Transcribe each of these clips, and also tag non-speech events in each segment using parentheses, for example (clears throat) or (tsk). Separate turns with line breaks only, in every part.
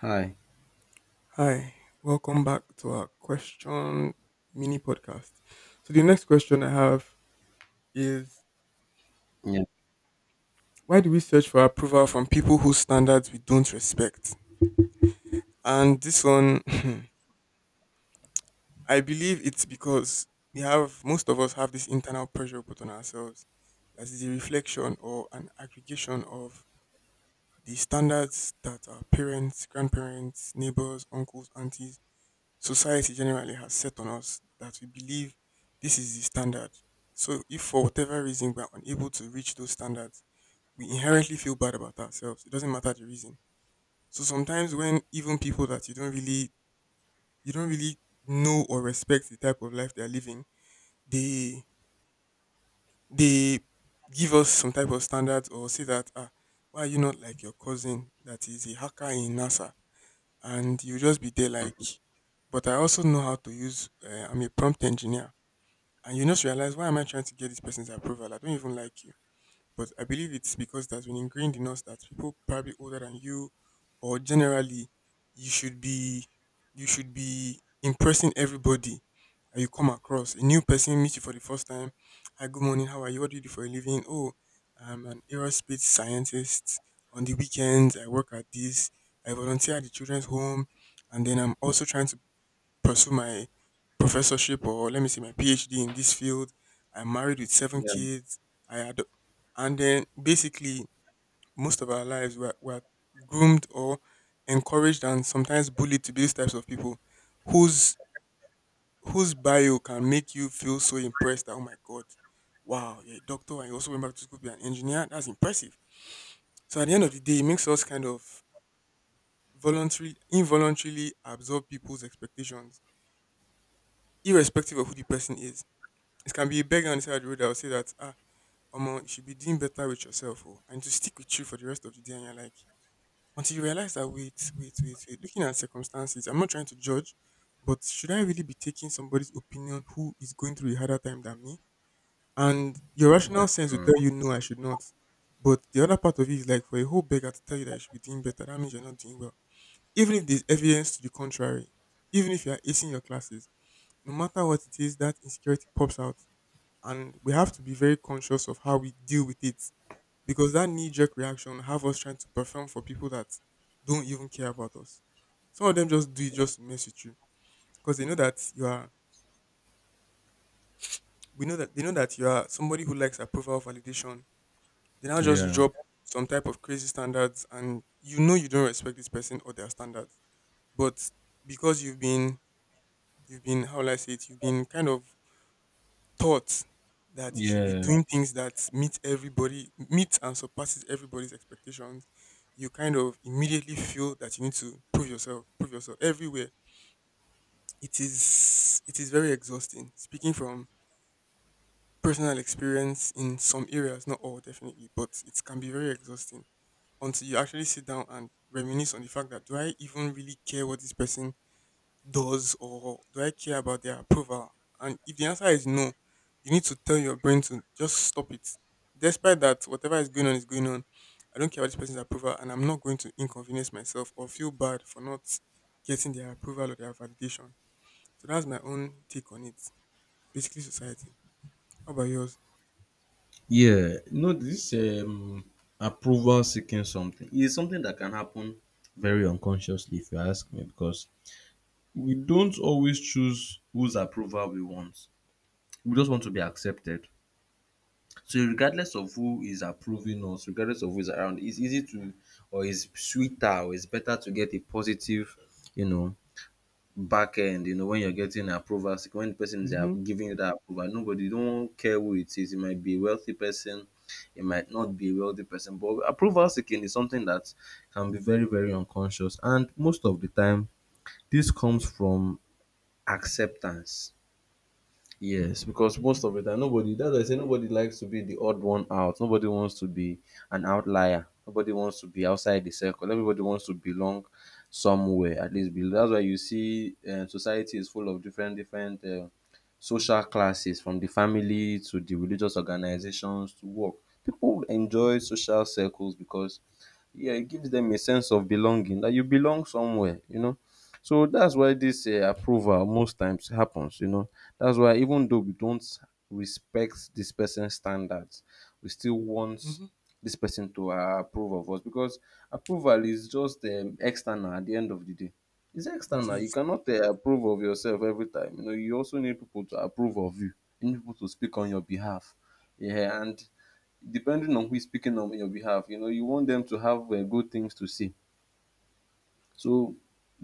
Hi.
Hi, welcome back to our question mini podcast. So, the next question I have is
Yeah.
why do we search for approval from people whose standards we don't respect? And this one, (laughs) (clears throat) I believe it's because we have most of us have this internal pressure put on ourselves that is a reflection or an aggregation of the standards that our parents, grandparents, neighbors, uncles, aunties society generally has set on us that we believe this is the standard. So if for whatever reason we are unable to reach those standards, we inherently feel bad about ourselves. It doesn't matter the reason. So sometimes when even people that you don't really know or respect the type of life they are living, they they give us some type of standards or say that why are you not like your cousin that is a hacker in NASA? And you just be there like but I also know how to use. I'm a prompt engineer. And you just realize, why am I trying to get this person's approval? I don't even like you. But I believe it's because that's been ingrained in us that people probably older than you or generally you should be you should be impressing everybody that you come across. A new person meets you for the first time. Hi, good morning, how are you? What do you do for a living? Oh, I'm an aerospace scientist. On the weekends I work at this. I volunteer at the children's home and then I'm also trying to pursue my professorship or let me say my PhD in this field. I'm married with seven
Yeah.
kids. I had, and then basically most of our lives were groomed or encouraged and sometimes bullied to be these types of people, whose whose bio can make you feel so impressed that oh my god, wow, you're a doctor and you also went back to school to be an engineer. That's impressive. So at the end of the day, it makes us kind of voluntarily, involuntarily absorb people's expectations, irrespective of who the person is. It can be a beggar on the side of the road that will say that, ah, Omo, you should be doing better with yourself, oh, and to stick with you for the rest of the day. And you're like, until you realize that, wait, looking at circumstances, I'm not trying to judge, but should I really be taking somebody's opinion who is going through a harder time than me? And your rational sense will
Mhm.
tell you, no, I should not. But the other part of it is like for a whole beggar to tell you that you should be doing better, that means you're not doing well. Even if there's evidence to the contrary, even if you are acing your classes, no matter what it is, that insecurity pops out and we have to be very conscious of how we deal with it because that knee-jerk reaction have us trying to perform for people that don't even care about us. Some of them just do it just to mess with you because they know that you are. We know that they know that you are somebody who likes approval validation. They now just
Yeah.
drop some type of crazy standards, and you know you don't respect this person or their standards, but because you've been how will I say it? You've been kind of taught that you should be
Yeah.
doing things that meet everybody meet and surpasses everybody's expectations. You kind of immediately feel that you need to prove yourself everywhere. It is very exhausting, speaking from personal experience in some areas, not all definitely, but it can be very exhausting until you actually sit down and reminisce on the fact that do I even really care what this person does or do I care about their approval? And if the answer is no, you need to tell your brain to just stop it. Despite that, whatever is going on is going on. I don't care about this person's approval, and I'm not going to inconvenience myself or feel bad for not getting their approval or their validation. So that's my own take on it. Basically, society. How about yours?
Yeah. No, this approval seeking something is something that can happen very unconsciously if you ask me because we don't always choose whose approval we want. We just want to be accepted. So regardless of who is approving us, regardless of who is around, it's easy to or it's sweeter or it's better to get a positive, you know, back end, when you're getting approvals, when the person is giving you that approval, nobody don't care who it is. It might be a wealthy person, it might not be a wealthy person, but approval seeking is something that can be very, very unconscious. And most of the time, this comes from acceptance. Yes, because most of the time nobody that's why I say nobody likes to be the odd one out. Nobody wants to be an outlier. Nobody wants to be outside the circle. Everybody wants to belong somewhere. At least belong. That's why you see society is full of different social classes, from the family to the religious organizations to work. People enjoy social circles because yeah, it gives them a sense of belonging. That you belong somewhere. So that's why this approval most times happens. That's why even though we don't respect this person's standards, we still want
Hmm.
this person to approve of us because approval is just external at the end of the day. It's
It
external. You
is.
cannot approve of yourself every time. You also need people to approve of you. You need people to speak on your behalf. Yeah, and depending on who is speaking on your behalf, you want them to have good things to say so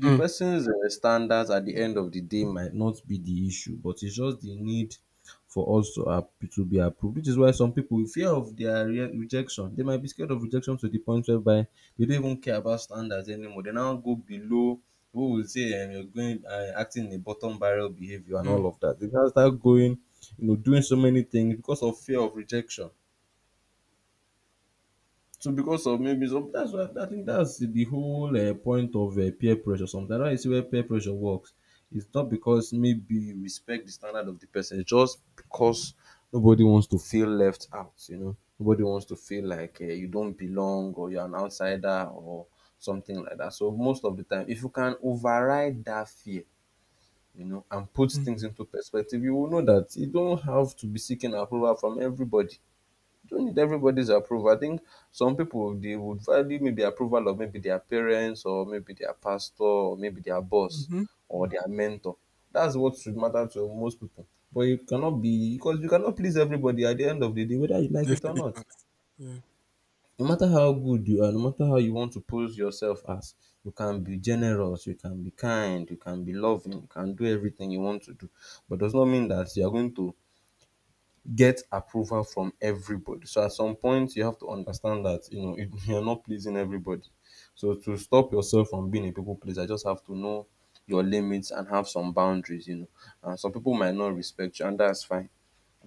the
Mm,
person's standards at the end of the day might not be the issue, but it's just the need for us to be approved, which is why some people, in fear of their rejection, they might be scared of rejection to the point whereby they don't even care about standards anymore. They now go below. Who will say you're going acting in a bottom barrel behavior and all
mm,
of that? They now start going, doing so many things because of fear of rejection. So because of maybe some that's why I think that's the whole point of peer pressure. Sometimes why you see where peer pressure works. It's not because maybe you respect the standard of the person. It's just because nobody wants to feel left out. Nobody wants to feel like you don't belong or you're an outsider or something like that. So most of the time, if you can override that fear, and put
mm.
things into perspective, you will know that you don't have to be seeking approval from everybody don't need everybody's approval. I think some people they would value maybe approval of maybe their parents or maybe their pastor or maybe their boss
Mm-hmm.
or their mentor. That's what should matter to most people. But you cannot be because you cannot please everybody at the end of the day, whether you like it or
Definitely
not.
can't. Yeah.
No matter how good you are, no matter how you want to pose yourself as, you can be generous, you can be kind, you can be loving, you can do everything you want to do. But does not mean that you are going to get approval from everybody. So at some point, you have to understand that (laughs) you're not pleasing everybody. So to stop yourself from being a people pleaser, you just have to know your limits and have some boundaries. And some people might not respect you, and that's fine.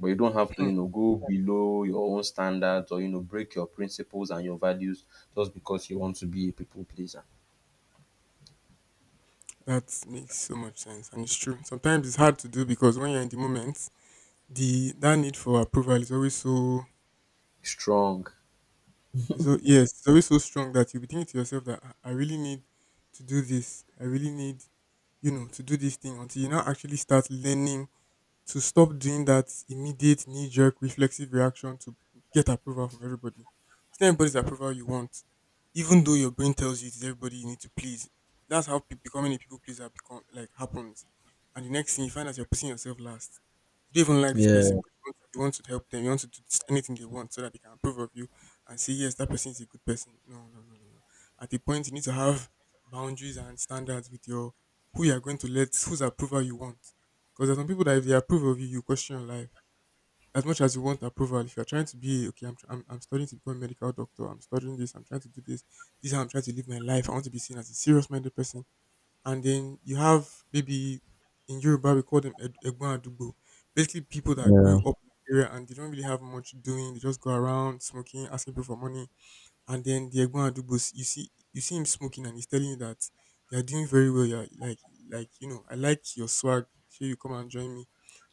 But you don't have to,
Mm.
go below your own standards or break your principles and your values just because you want to be a people pleaser.
That makes so much sense, and it's true. Sometimes it's hard to do because when you're in the moment, the that need for approval is always so
Strong.
is so yes, it's always so strong that you'll be thinking to yourself that I really need to do this. I really need, to do this thing until you now actually start learning to stop doing that immediate knee jerk reflexive reaction to get approval from everybody. It's not everybody's approval you want, even though your brain tells you it's everybody you need to please. That's how becoming a people pleaser become like happens. And the next thing you find out you're putting yourself last. You don't even like this person,
Yeah,
but you want to help them. You want to do this- anything they want so that they can approve of you and say yes, that person is a good person. No, no, no, no, no. At a point, you need to have boundaries and standards with your who you are going to let, whose approval you want because there's some people that if they approve of you, you question your life. As much as you want approval, if you're trying to be okay, I'm, tr- I'm studying to become a medical doctor. I'm studying this. I'm trying to do this. This is how I'm trying to live my life. I want to be seen as a serious-minded person. And then you have maybe in Yoruba we call them Egbon Adugbo, basically people that
yeah,
grew up in the area and they don't really have much doing. They just go around smoking, asking people for money. And then the Egbon Adugbo, you see him smoking and he's telling you that you're doing very well. You're like you know I like your swag. Sure, you come and join me.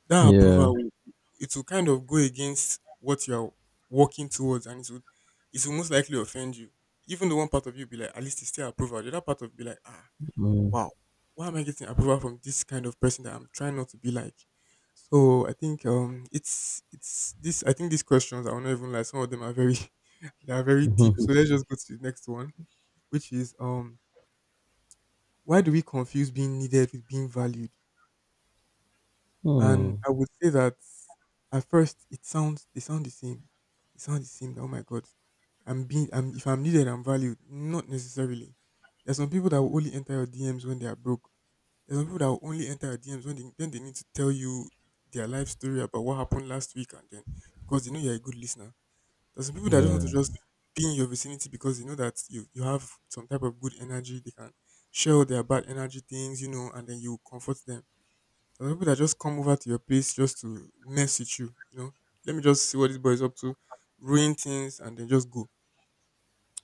That
yeah.
approval will it will kind of go against what you're working towards and it will most likely offend you. Even the one part of you be like, at least it's still approval. The other part of be like, ah,
Mm.
wow, why am I getting approval from this kind of person that I'm trying not to be like? So I think it's this, I think these questions, I won't even lie, some of them are very (laughs) they are very deep. So let's
(laughs)
just go to the next one, which is why do we confuse being needed with being valued? And
Hmm.
I would say that at first it sounds they sound the same. They sound the same. That, oh my god, I'm being I'm if I'm needed, I'm valued. Not necessarily. There's some people that will only enter your DMs when they are broke. There's some people that will only enter your DMs when they need to tell you their life story about what happened last week and then because they know you're a good listener. There's some people that just want to
Yeah,
just be in your vicinity because they know that you have some type of good energy. They can share all their bad energy things, you know, and then you comfort them. There are people that just come over to your place just to mess with you. You know, let me just see what this boy is up to, ruin things, and then just go.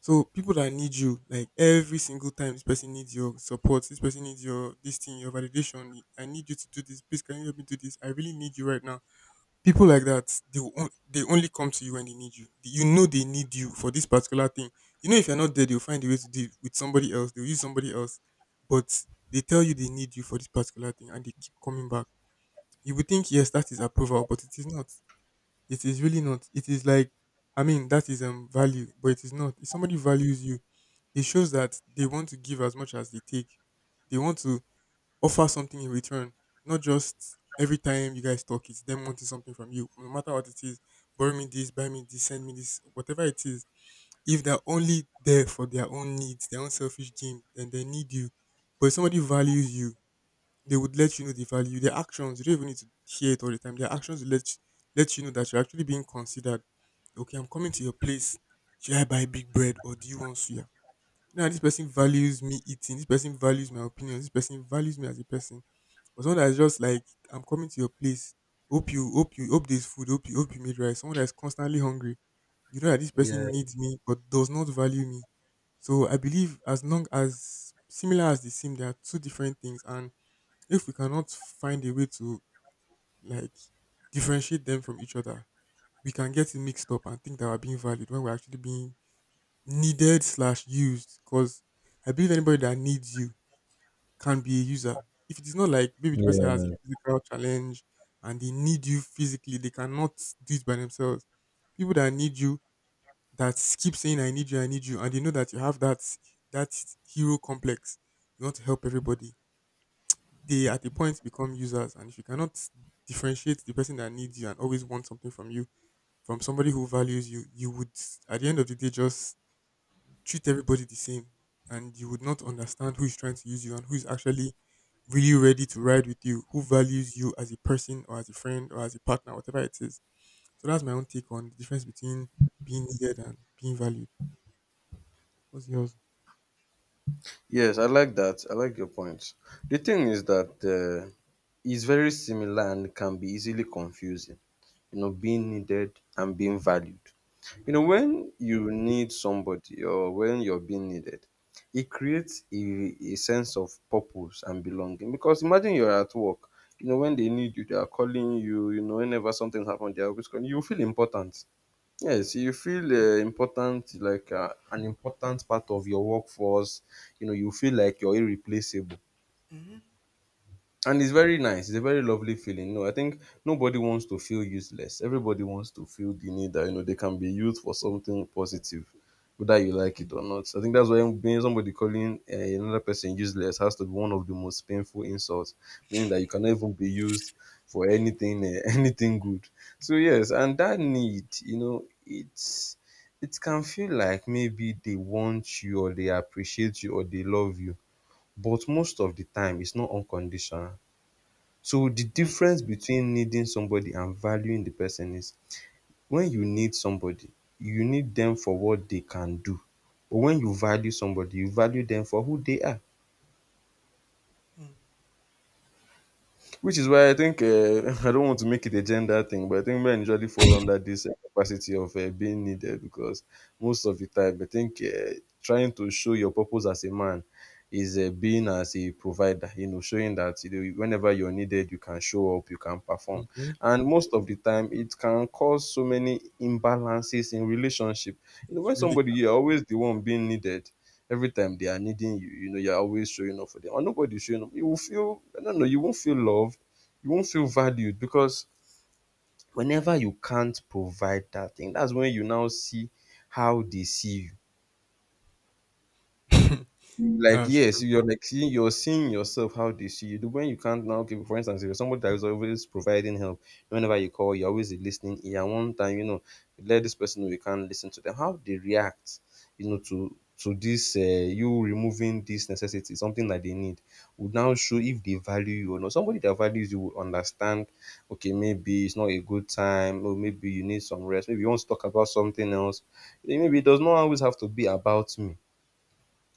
So people that need you, like every single time, this person needs your support. This person needs your this thing, your validation. I need you to do this. Please, can you help me do this? I really need you right now. People like that, they will they only come to you when they need you. You know they need you for this particular thing. You know if you're not there, they'll find a way to deal with somebody else. They'll use somebody else, but they tell you they need you for this particular thing, and they keep coming back. You would think yes, that is approval, but it is not. It is really not. It is like I mean, that is value, but it is not. If somebody values you, it shows that they want to give as much as they take. They want to offer something in return, not just every time you guys talk, it's them wanting something from you, no matter what it is. Borrow me this, buy me this, send me this, whatever it is. If they're only there for their own needs, their own selfish game, then they need you. But if somebody values you, they would let you know the value. Their actions, you don't even need to hear it all the time. Their actions will let you know that you're actually being considered. Okay, I'm coming to your place. Should I buy big bread or do you want suya? Now this person values me eating. This person values my opinion. This person values me as a person. But someone that's just like, I'm coming to your place. Hope you, hope you, hope there's food. Hope you made rice. Someone that's constantly hungry. You know that this
Yeah.
person needs me but does not value me. So I believe as long as similar as they seem, there are two different things, and if we cannot find a way to like differentiate them from each other, we can get it mixed up and think that we're being valued when we're actually being needed/used. Because I believe anybody that needs you can be a user. If it is not like maybe the person has a
yeah.
physical challenge and they need you physically, they cannot do it by themselves. People that need you that keep saying I need you, and they know that you have that hero complex. You want to help everybody. They at a point become users, and if you cannot differentiate the person that needs you and always wants something from you from somebody who values you, you would at the end of the day just treat everybody the same, and you would not understand who is trying to use you and who is actually really ready to ride with you, who values you as a person or as a friend or as a partner, whatever it is. So that's my own take on the difference between being needed and being valued. What's yours?
Yes, I like that. I like your point. The thing is that it's very similar and can be easily confusing, being needed and being valued. When you need somebody or when you're being needed, it creates a sense of purpose and belonging. Because imagine you're at work, when they need you, they are calling you, whenever something's happened, they are always calling you. You feel important. Yes, you feel important, like an important part of your workforce. You feel like you're irreplaceable and it's very nice. It's a very lovely feeling. No, I think nobody wants to feel useless. Everybody wants to feel the need that, they can be used for something positive whether you like it or not. So I think that's why being somebody calling another person useless has to be one of the most painful insults, meaning that you cannot even be used for anything (laughs) anything good. So yes, and that need, it can feel like maybe they want you or they appreciate you or they love you, but most of the time it's not unconditional. So the difference between needing somebody and valuing the person is when you need somebody, you need them for what they can do. But when you value somebody, you value them for who they are. Which is why I think (laughs) I don't want to make it a gender thing, but I think men usually fall under this capacity of being needed because most of the time, I think trying to show your purpose as a man is being as a provider, showing that whenever you're needed, you can show up, you can perform.
Hmm.
And most of the time, it can cause so many imbalances in relationship.
It's really.
You're always the one being needed, every time they are needing you, you're always showing up for them. And nobody's showing up. You will feel, I don't know, you won't feel loved. You won't feel valued because whenever you can't provide that thing, that's when you now see how they see you.
(laughs)
Like,
That's
yes,
true.
you're seeing yourself how they see you. The when you can't now Okay, for instance, if you're somebody that is always providing help, whenever you call you're always a listening ear. One time, you let this person know you can't listen to them. How they react, to this you removing this necessity, something that they need, would now show if they value you or not. Somebody that values you will understand, okay, maybe it's not a good time, or maybe you need some rest, maybe you want to talk about something else, maybe it does not always have to be about me.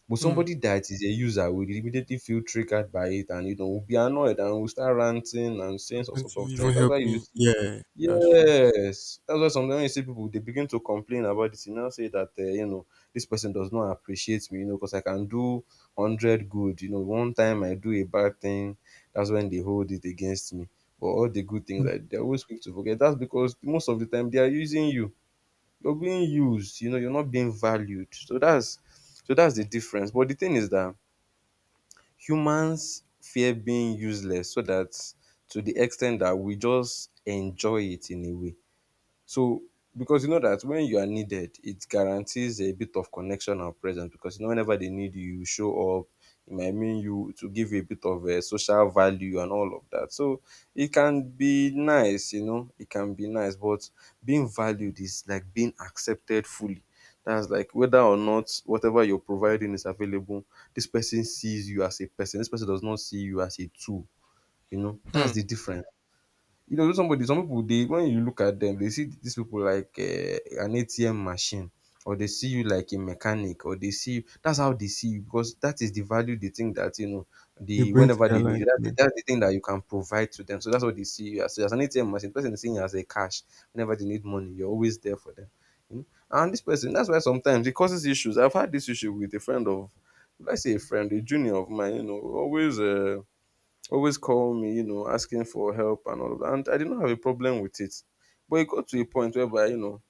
But
Hmm.
somebody that is a user will immediately feel triggered by it and will be annoyed and will start ranting and
How
saying all sort
can't you
of things.
even
That's why
help
you
me?
see.
Yeah, that's true.
Yes, that's why sometimes when you see people they begin to complain about this. You now say that this person does not appreciate me, because I can do 100 good. One time I do a bad thing, that's when they hold it against me. But all the good things, like, they're always quick to forget. That's because most of the time they are using you. You're being used, you're not being valued. So that's the difference. But the thing is that humans fear being useless so that to the extent that we just enjoy it in a way. So because you know that when you are needed, it guarantees a bit of connection and presence because you know whenever they need you, you show up. It might mean you to give a bit of a social value and all of that. So it can be nice, it can be nice, but being valued is like being accepted fully. That's like whether or not whatever you're providing is available, this person sees you as a person. This person does not see you as a tool. That's
Hmm.
the difference. You know somebody, some people they when you look at them, they see these people like an ATM machine, or they see you like a mechanic, or they see you. That's how they see you, because that is the value they think that, you know,
You
the
bring to
whenever
their
they need
life.
you, that's the,
Amen.
that's the thing that you can provide to them. So that's what they see you as. So as an ATM machine, the person is seeing you as a cash whenever they need money. You're always there for them, you know. And this person, that's why sometimes it causes issues. I've had this issue with a friend of, let's say a friend, a junior of mine, you know, always always call me, asking for help and all of that. And I did not have a problem with it. But it got to a point whereby,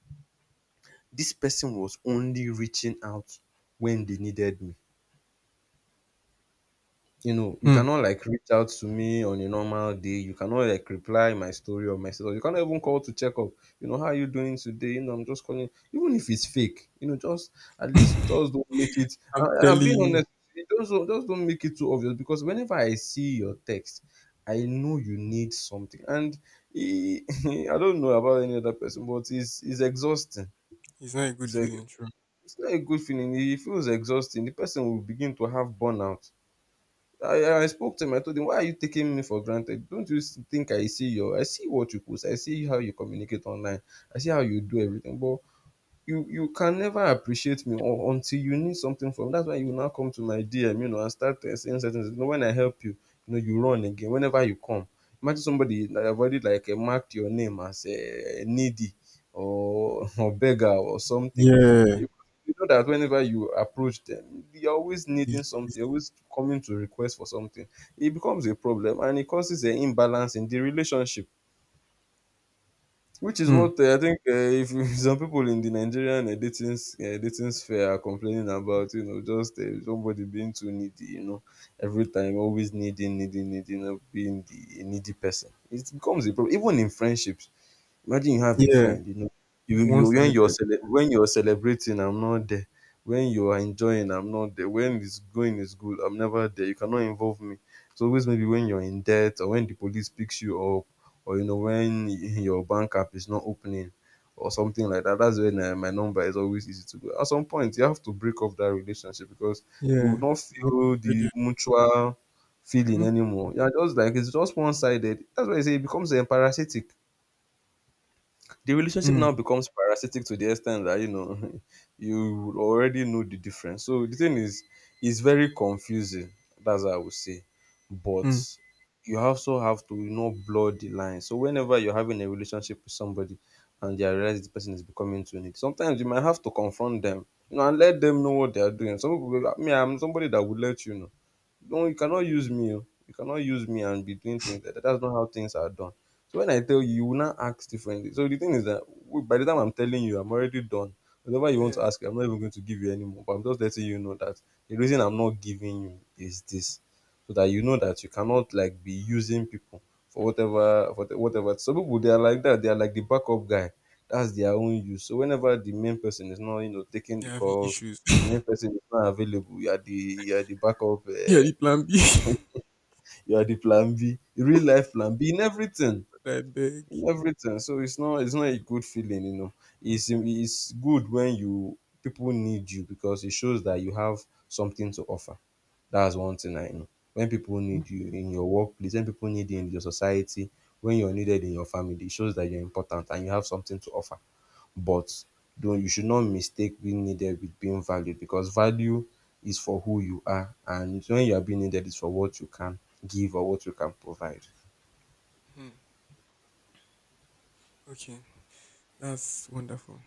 this person was only reaching out when they needed me. You know, you
Hmm.
cannot like reach out to me on a normal day. You cannot like reply my story or my status. You cannot even call to check up. You know, how are you doing today? You know, I'm just calling. Even if it's fake, just at least
(laughs)
just don't make it. I,
I'm
I'm
telling
being
you,
honest with you. Just, just don't make it too obvious, because whenever I see your text, I know you need something. And e- (laughs) I don't know about any other person, but it's exhausting.
it's not a good
It's, a,
feeling, true.
it's not a good feeling. It feels exhausting. The person will begin to have burnout. I spoke to him. I told him, "Why are you taking me for granted? Don't you think I see your? I see what you post. I see how you communicate online. I see how you do everything. But you can never appreciate me or until you need something from me. That's why you will now come to my DM, you know, and start saying certain things. You know, when I help you, you run again whenever you come. Imagine somebody that have already like marked your name as needy, or, (laughs) or beggar or something.
Yeah.
You you know that whenever you approach them, you're always
He.
needing something, you're always coming to request for something. It becomes a problem and it causes an imbalance in the relationship. Which is
Hmm.
what I think if (laughs) some people in the Nigerian dating dating sphere are complaining about, you know, just somebody being too needy, you know, every time always needing, needing, needing, being the needy person. It becomes a problem even in friendships. Imagine you have a
Yeah.
friend, you know, you
One
when you're
sided.
when you're celebrating, I'm not there. When you are enjoying, I'm not there. When it's going, it's good. I'm never there. You cannot involve me. It's always maybe when you're in debt, or when the police picks you up, or you know when your bank app is not opening, or something like that. That's when my number is always easy to go. At some point, you have to break off that relationship, because you will
Yeah.
not
It's one
feel the
sided.
mutual feeling
Mm-hmm.
anymore. You're just like, it's just one sided. That's why I say it becomes parasitic. The relationship
Mm.
now becomes parasitic to the extent that, you know, (laughs) you already know the difference. So the thing is, it's very confusing. That's what I would say, but
Mm.
you also have to, you know, blur the line. So whenever you're having a relationship with somebody and they realize the person is becoming too neat, sometimes you might have to confront them, you know, and let them know what they are doing. Some people, I mean, I'm somebody that would let you know. No, you cannot use me. Oh. You cannot use me and be doing things like that. That's not how things are done. So when I tell you, you will not act differently. So the thing is that by the time I'm telling you, I'm already done. Whatever you want to
Yeah.
ask, I'm not even going to give you anymore. But I'm just letting you know that the reason I'm not giving you is this, so that you know that you cannot like be using people for whatever, whatever. Some people they are like that. They are like the backup guy. That's their own use. So whenever the main person is not, you know, taking the
You're having
calls,
issues.
the main person is not available. You are the, you are the backup.
(laughs) Yeah, the plan B. (laughs) I
You are the plan B, real life plan B in everything,
beg.
in everything. So it's not a good feeling, you know. It's good when you, people need you, because it shows that you have something to offer. That's one thing I know. When people need you in your workplace, when people need you in your society, when you're needed in your family, it shows that you're important and you have something to offer. But don't, you should not mistake being needed with being valued, because value is for who you are, and when you are being needed is for what you can give or what you can provide.
Hmm. Okay. That's wonderful.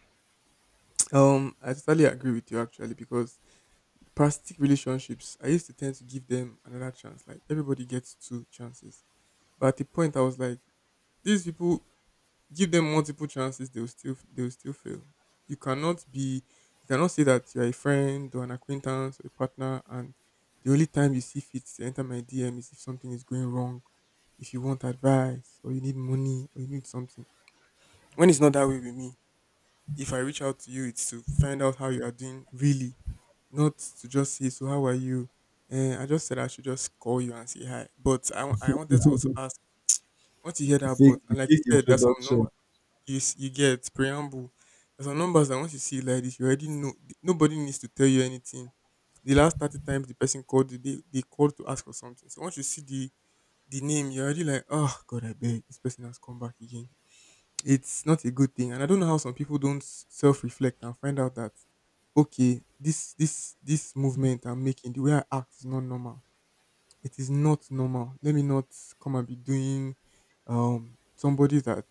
I totally agree with you actually because plastic relationships, I used to tend to give them another chance. Like everybody gets two chances. But at the point I was like, these people give them multiple chances, they'll still fail. You cannot be you cannot say that you're a friend or an acquaintance or a partner and the only time you see fit to enter my DM is if something is going wrong, if you want advice or you need money or you need something. When it's not that way with me, if I reach out to you, it's to find out how you are doing really, not to just say, so how are you? And I just said I should just call you and say hi. But I wanted to also ask, once you hear that
Fake,
but
the
and like you
fake
said, there's some
introduction.
number you get preamble. There's some numbers that once you see it like this, you already know. Nobody needs to tell you anything. The last 30 times the person called you, they called to ask for something. So once you see the name, you're already like, oh God, I beg this person has come back again. It's not a good thing, and I don't know how some people don't self reflect and find out that okay, this movement I'm making, the way I act is not normal. It is not normal. Let me not come and be doing somebody that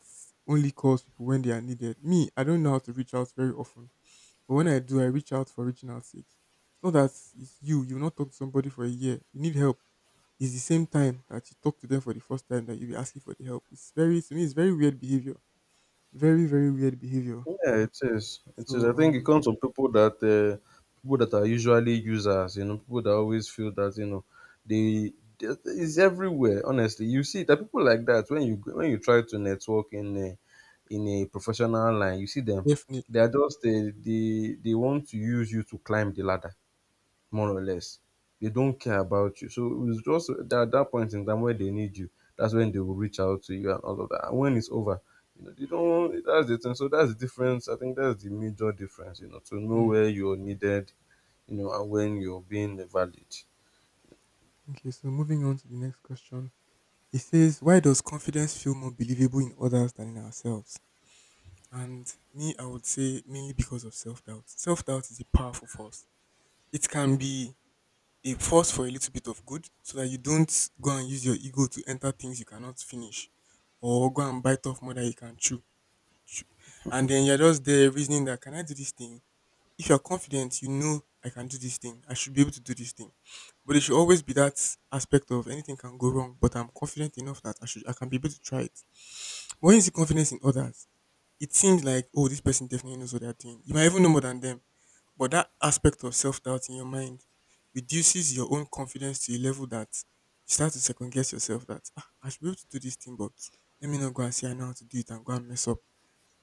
only calls people when they are needed. Me, I don't know how to reach out very often. But when I do, I reach out for reaching out sake. It's not that it's you, you've not talk to somebody for a year. You need help. It's the same time that you talk to them for the first time that you be asking for the help. It's very to me it's very weird behavior. Very, very weird behavior.
Yeah, it is. It
So,
is. I think it comes from people that are usually users. You know, people that always feel that, you know, they they- it's everywhere. Honestly, you see that people like that when you, try to network in a professional line, you see them. They
definitely.
are just they want to use you to climb the ladder, more or less. They don't care about you. So it's just at that point in time where they need you, that's when they will reach out to you and all of that. And when it's over, you know, they don't that's the thing. So that's the difference. I think that's the major difference, you know, to know
Hmm.
where you're needed, you know, and when you're being valid.
Okay, so moving on to the next question. It says, why does confidence feel more believable in others than in ourselves? And me, I would say mainly because of self doubt. Self doubt is a powerful force. It can be a force for a little bit of good so that you don't go and use your ego to enter things you cannot finish or go and bite off more than you can chew. And then you're just there reasoning that, can I do this thing? If you're confident, you know I can do this thing. I should be able to do this thing. But it should always be that aspect of anything can go wrong, but I'm confident enough that I can be able to try it. But when you see confidence in others, it seems like, oh, this person definitely knows what they're doing. You might even know more than them. But that aspect of self doubt in your mind reduces your own confidence to a level that you start to second guess yourself that I should be able to do this thing, but let me not go and say I know how to do it and go and mess up.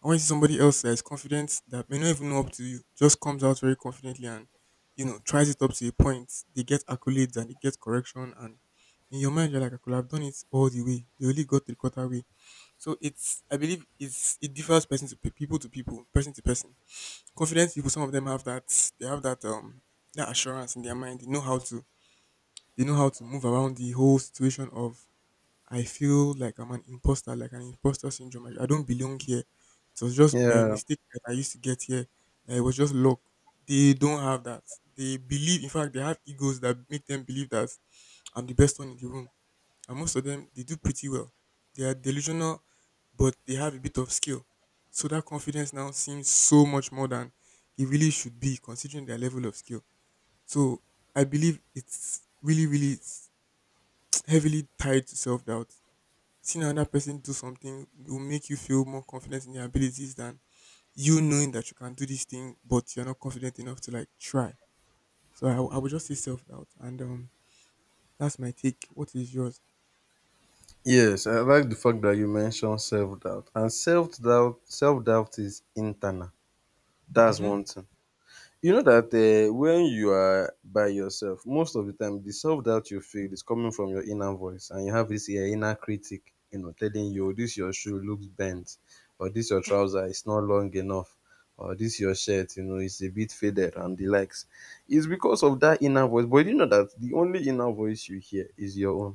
I want to see somebody else that is confident that may not even know up to you, just comes out very confidently and tries it up to a point. They get accolades and they get correction, and in your mind you're like, I could have done it all the way. They only got the quarter way. So it's I believe it's it differs person to people to people, person to person. Confident people, some of them have that assurance in their mind. They know how to move around the whole situation of I feel like I'm an imposter, like an imposter syndrome. I don't belong here. It was just by
Yeah.
mistake that I used to get here. Like, it was just luck. They don't have that. They believe, in fact, they have egos that make them believe that I'm the best one in the room. And most of them, they do pretty well. They are delusional, but they have a bit of skill. So that confidence now seems so much more than it really should be, considering their level of skill. So I believe it's really, really (tsk) heavily tied to self doubt. Seeing another person do something will make you feel more confident in your abilities than you knowing that you can do this thing, but you're not confident enough to like try. So I would just say self doubt, and that's my take. What is yours?
Yes, I like the fact that you mentioned self doubt. And self doubt is internal. That's
Mm-hmm.
one thing. You know that, um, when you are by yourself most of the time, the self doubt you feel is coming from your inner voice, and you have this your inner critic, you know, telling you,
Yeah,
"Oh, this your shoe looks bent, or this your trouser is not long enough, or this your shirt, you know, is a bit faded and the likes. It's because of that inner voice, but you know that the only inner voice you hear is your own.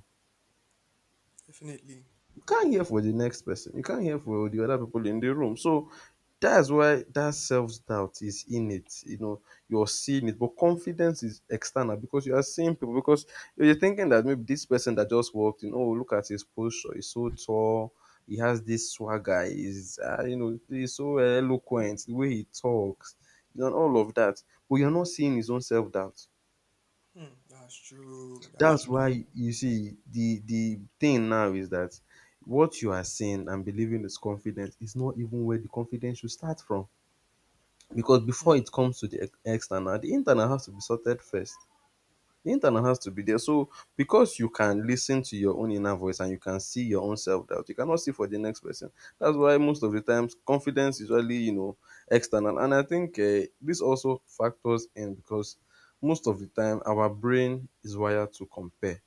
definitely.
You can't hear for the next person. You can't hear for the other people in the room. So that's why that self doubt is in it. You know, you're seeing it, but confidence is external because you are seeing people. Because you're thinking that maybe this person that just walked in, oh, look at his posture, he's so tall. He has this swagger. He's, you know, he's so eloquent. The way he talks, you know, and all of that. But you're not seeing his own self doubt.
Hmm, that's true. That's
That's
true. That's
why you see the thing now is that what you are seeing and believing is confidence is not even where the confidence should start from. Because
true. Hmm.
before it comes to the external, the internal has to be sorted first. The internal has to be there. So because you can listen to your own inner voice and you can see your own self-doubt, you cannot see for the next person. That's why most of the times confidence is really, you know, external. And I think this also factors in, because most of the time our brain is wired to compare.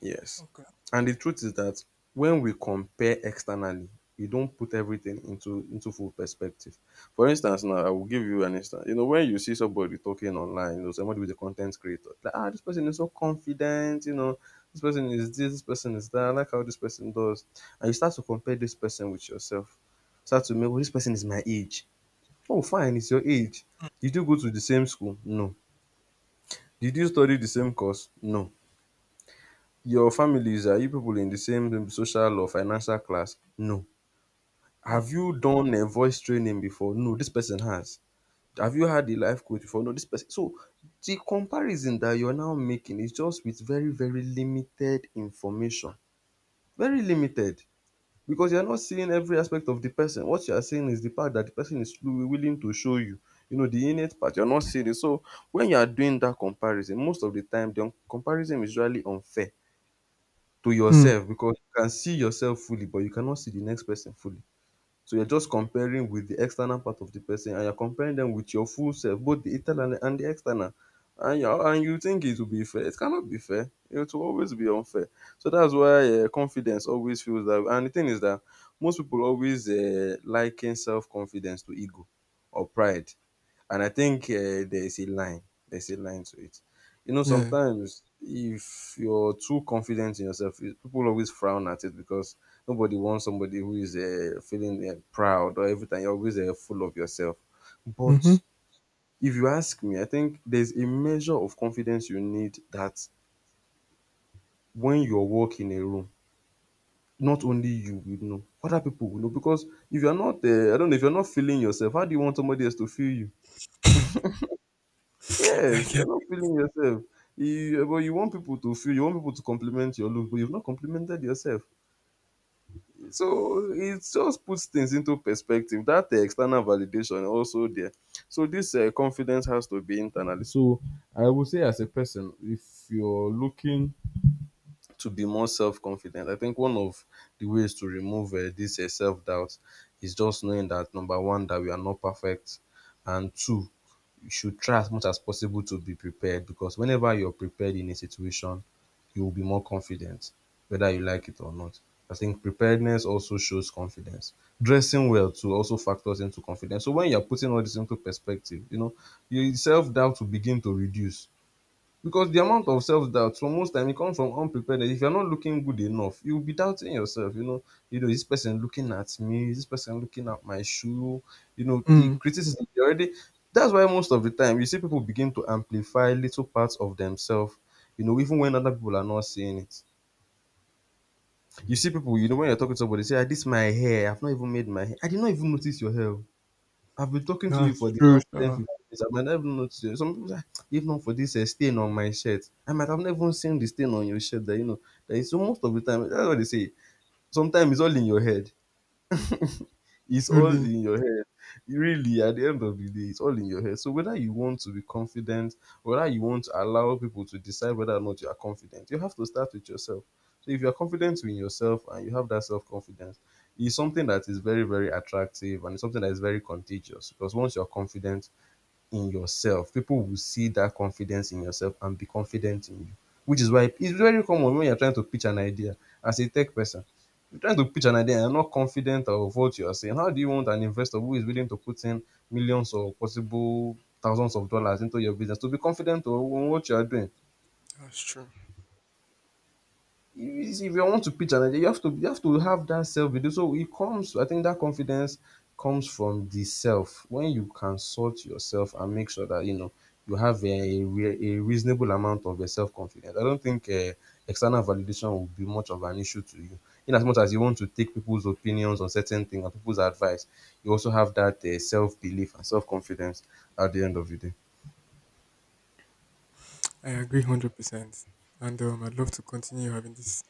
Yes.
Okay.
And the truth is that when we compare externally, we don't put everything into full perspective. For instance, now I will give you an instance. You know, when you see somebody talking online, you know, somebody with a content creator, like, ah, this person is so confident, you know, this person is this, this person is that, I like how this person does. And you start to compare this person with yourself. Start to make, well, this person is my age. Oh, fine, it's your age. Did you go to the same school? No. Did you study the same course? No. Your families, are you people in the same social or financial class? No. Have
Hmm.
you done a voice training before? No, this person has. Have you had a life coach before? No, this person. So the comparison that you're now making is just with very, very limited information. Very limited. Because you're not seeing every aspect of the person. What you are seeing is the part that the person is willing to show you. You know, the innate part, you're not seeing it. So when you are doing that comparison, most of the time the comparison is usually unfair to
Hmm.
yourself, because you can see yourself fully, but you cannot see the next person fully. So you're just comparing with the external part of the person, and you're comparing them with your full self, both the internal and the external. And you think it will be fair. It cannot be fair. It will always be unfair. So that's why, confidence always feels that. And the thing is that most people always liken self confidence to ego or pride. And I think there is a line. There's a line to it. You know,
Yeah.
sometimes if you're too confident in yourself, people always frown at it because nobody wants somebody who is feeling proud, or every time you're always full of yourself.
Mm-hmm.
But if you ask me, I think there's a measure of confidence you need that when you walk in a room, not only you will know, other people will know. Because if you're not, I don't know, if you're not feeling yourself, how do you want somebody else to feel you?
(laughs) I
Yes, you're
get.
not feeling yourself. You, but you want people to feel, you want people to compliment your look, but you've not complimented yourself. So it just puts things into perspective that external validation also there. So this confidence has to be internally. So I would say as a person, if you're looking to be more self-confident, I think one of the ways to remove this self-doubt is just knowing that, number one, that we are not perfect, and two, you should try as much as possible to be prepared, because whenever you're prepared in a situation, you will be more confident, whether you like it or not. I think preparedness also shows confidence. Dressing well too also factors into confidence. So when you're putting all this into perspective, you know, your self-doubt will begin to reduce, because the amount of self-doubt, for most time, it comes from unpreparedness. If you're not looking good enough, you'll be doubting yourself, you know, you know, this person looking at me, this person looking at my shoe, you know, the
Hmm.
criticism they already. That's why most of the time you see people begin to amplify little parts of themselves, you know, even when other people are not seeing it. You see people, you know, when you're talking to somebody, say, "Ah, this my hair, I've not even made my hair. I did not even notice your hair oh." I've been talking to you
That's
for the
true,
past ten,
sir.
fifteen 15 minutes. I might not even notice you. Some people say, "Ah, if not for this stain on my shirt, I might have never seen the stain on your shirt, that you know." That is, so most of the time, that's what they say. Sometimes it's all in your head. It's all
Truly.
in your head. Really, at the end of the day, it's all in your head. So whether you want to be confident, whether you want to allow people to decide whether or not you are confident, you have to start with yourself. So if you are confident in yourself and you have that self confidence, it's something that is very, very attractive, and it's something that is very contagious, because once you're confident in yourself, people will see that confidence in yourself and be confident in you. Which is why it's very common, when you're trying to pitch an idea as a tech person, you're trying to pitch an idea and you're not confident of what you are saying. How do you want an investor who is willing to put in millions, or possible thousands of dollars into your business, to be confident on what you are doing?
That's true.
You, if you want to pitch an idea, you have to, you have to have that self belief. So it comes, I think that confidence comes from the self. When you can sort yourself and make sure that, you know, you have a, a reasonable amount of self confidence, I don't think external validation will be much of an issue to you. In as much as you want to take people's opinions on certain things and people's advice, you also have that self belief and self confidence at the end of the day.
I agree 100%. And I'd love to continue having this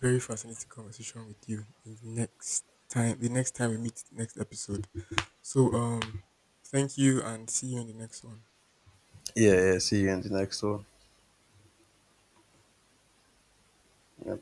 very fascinating conversation with you in the next time, we meet next episode. So, thank you and see you in the next one.
Yeah, yeah. See you in the next one. Yeah.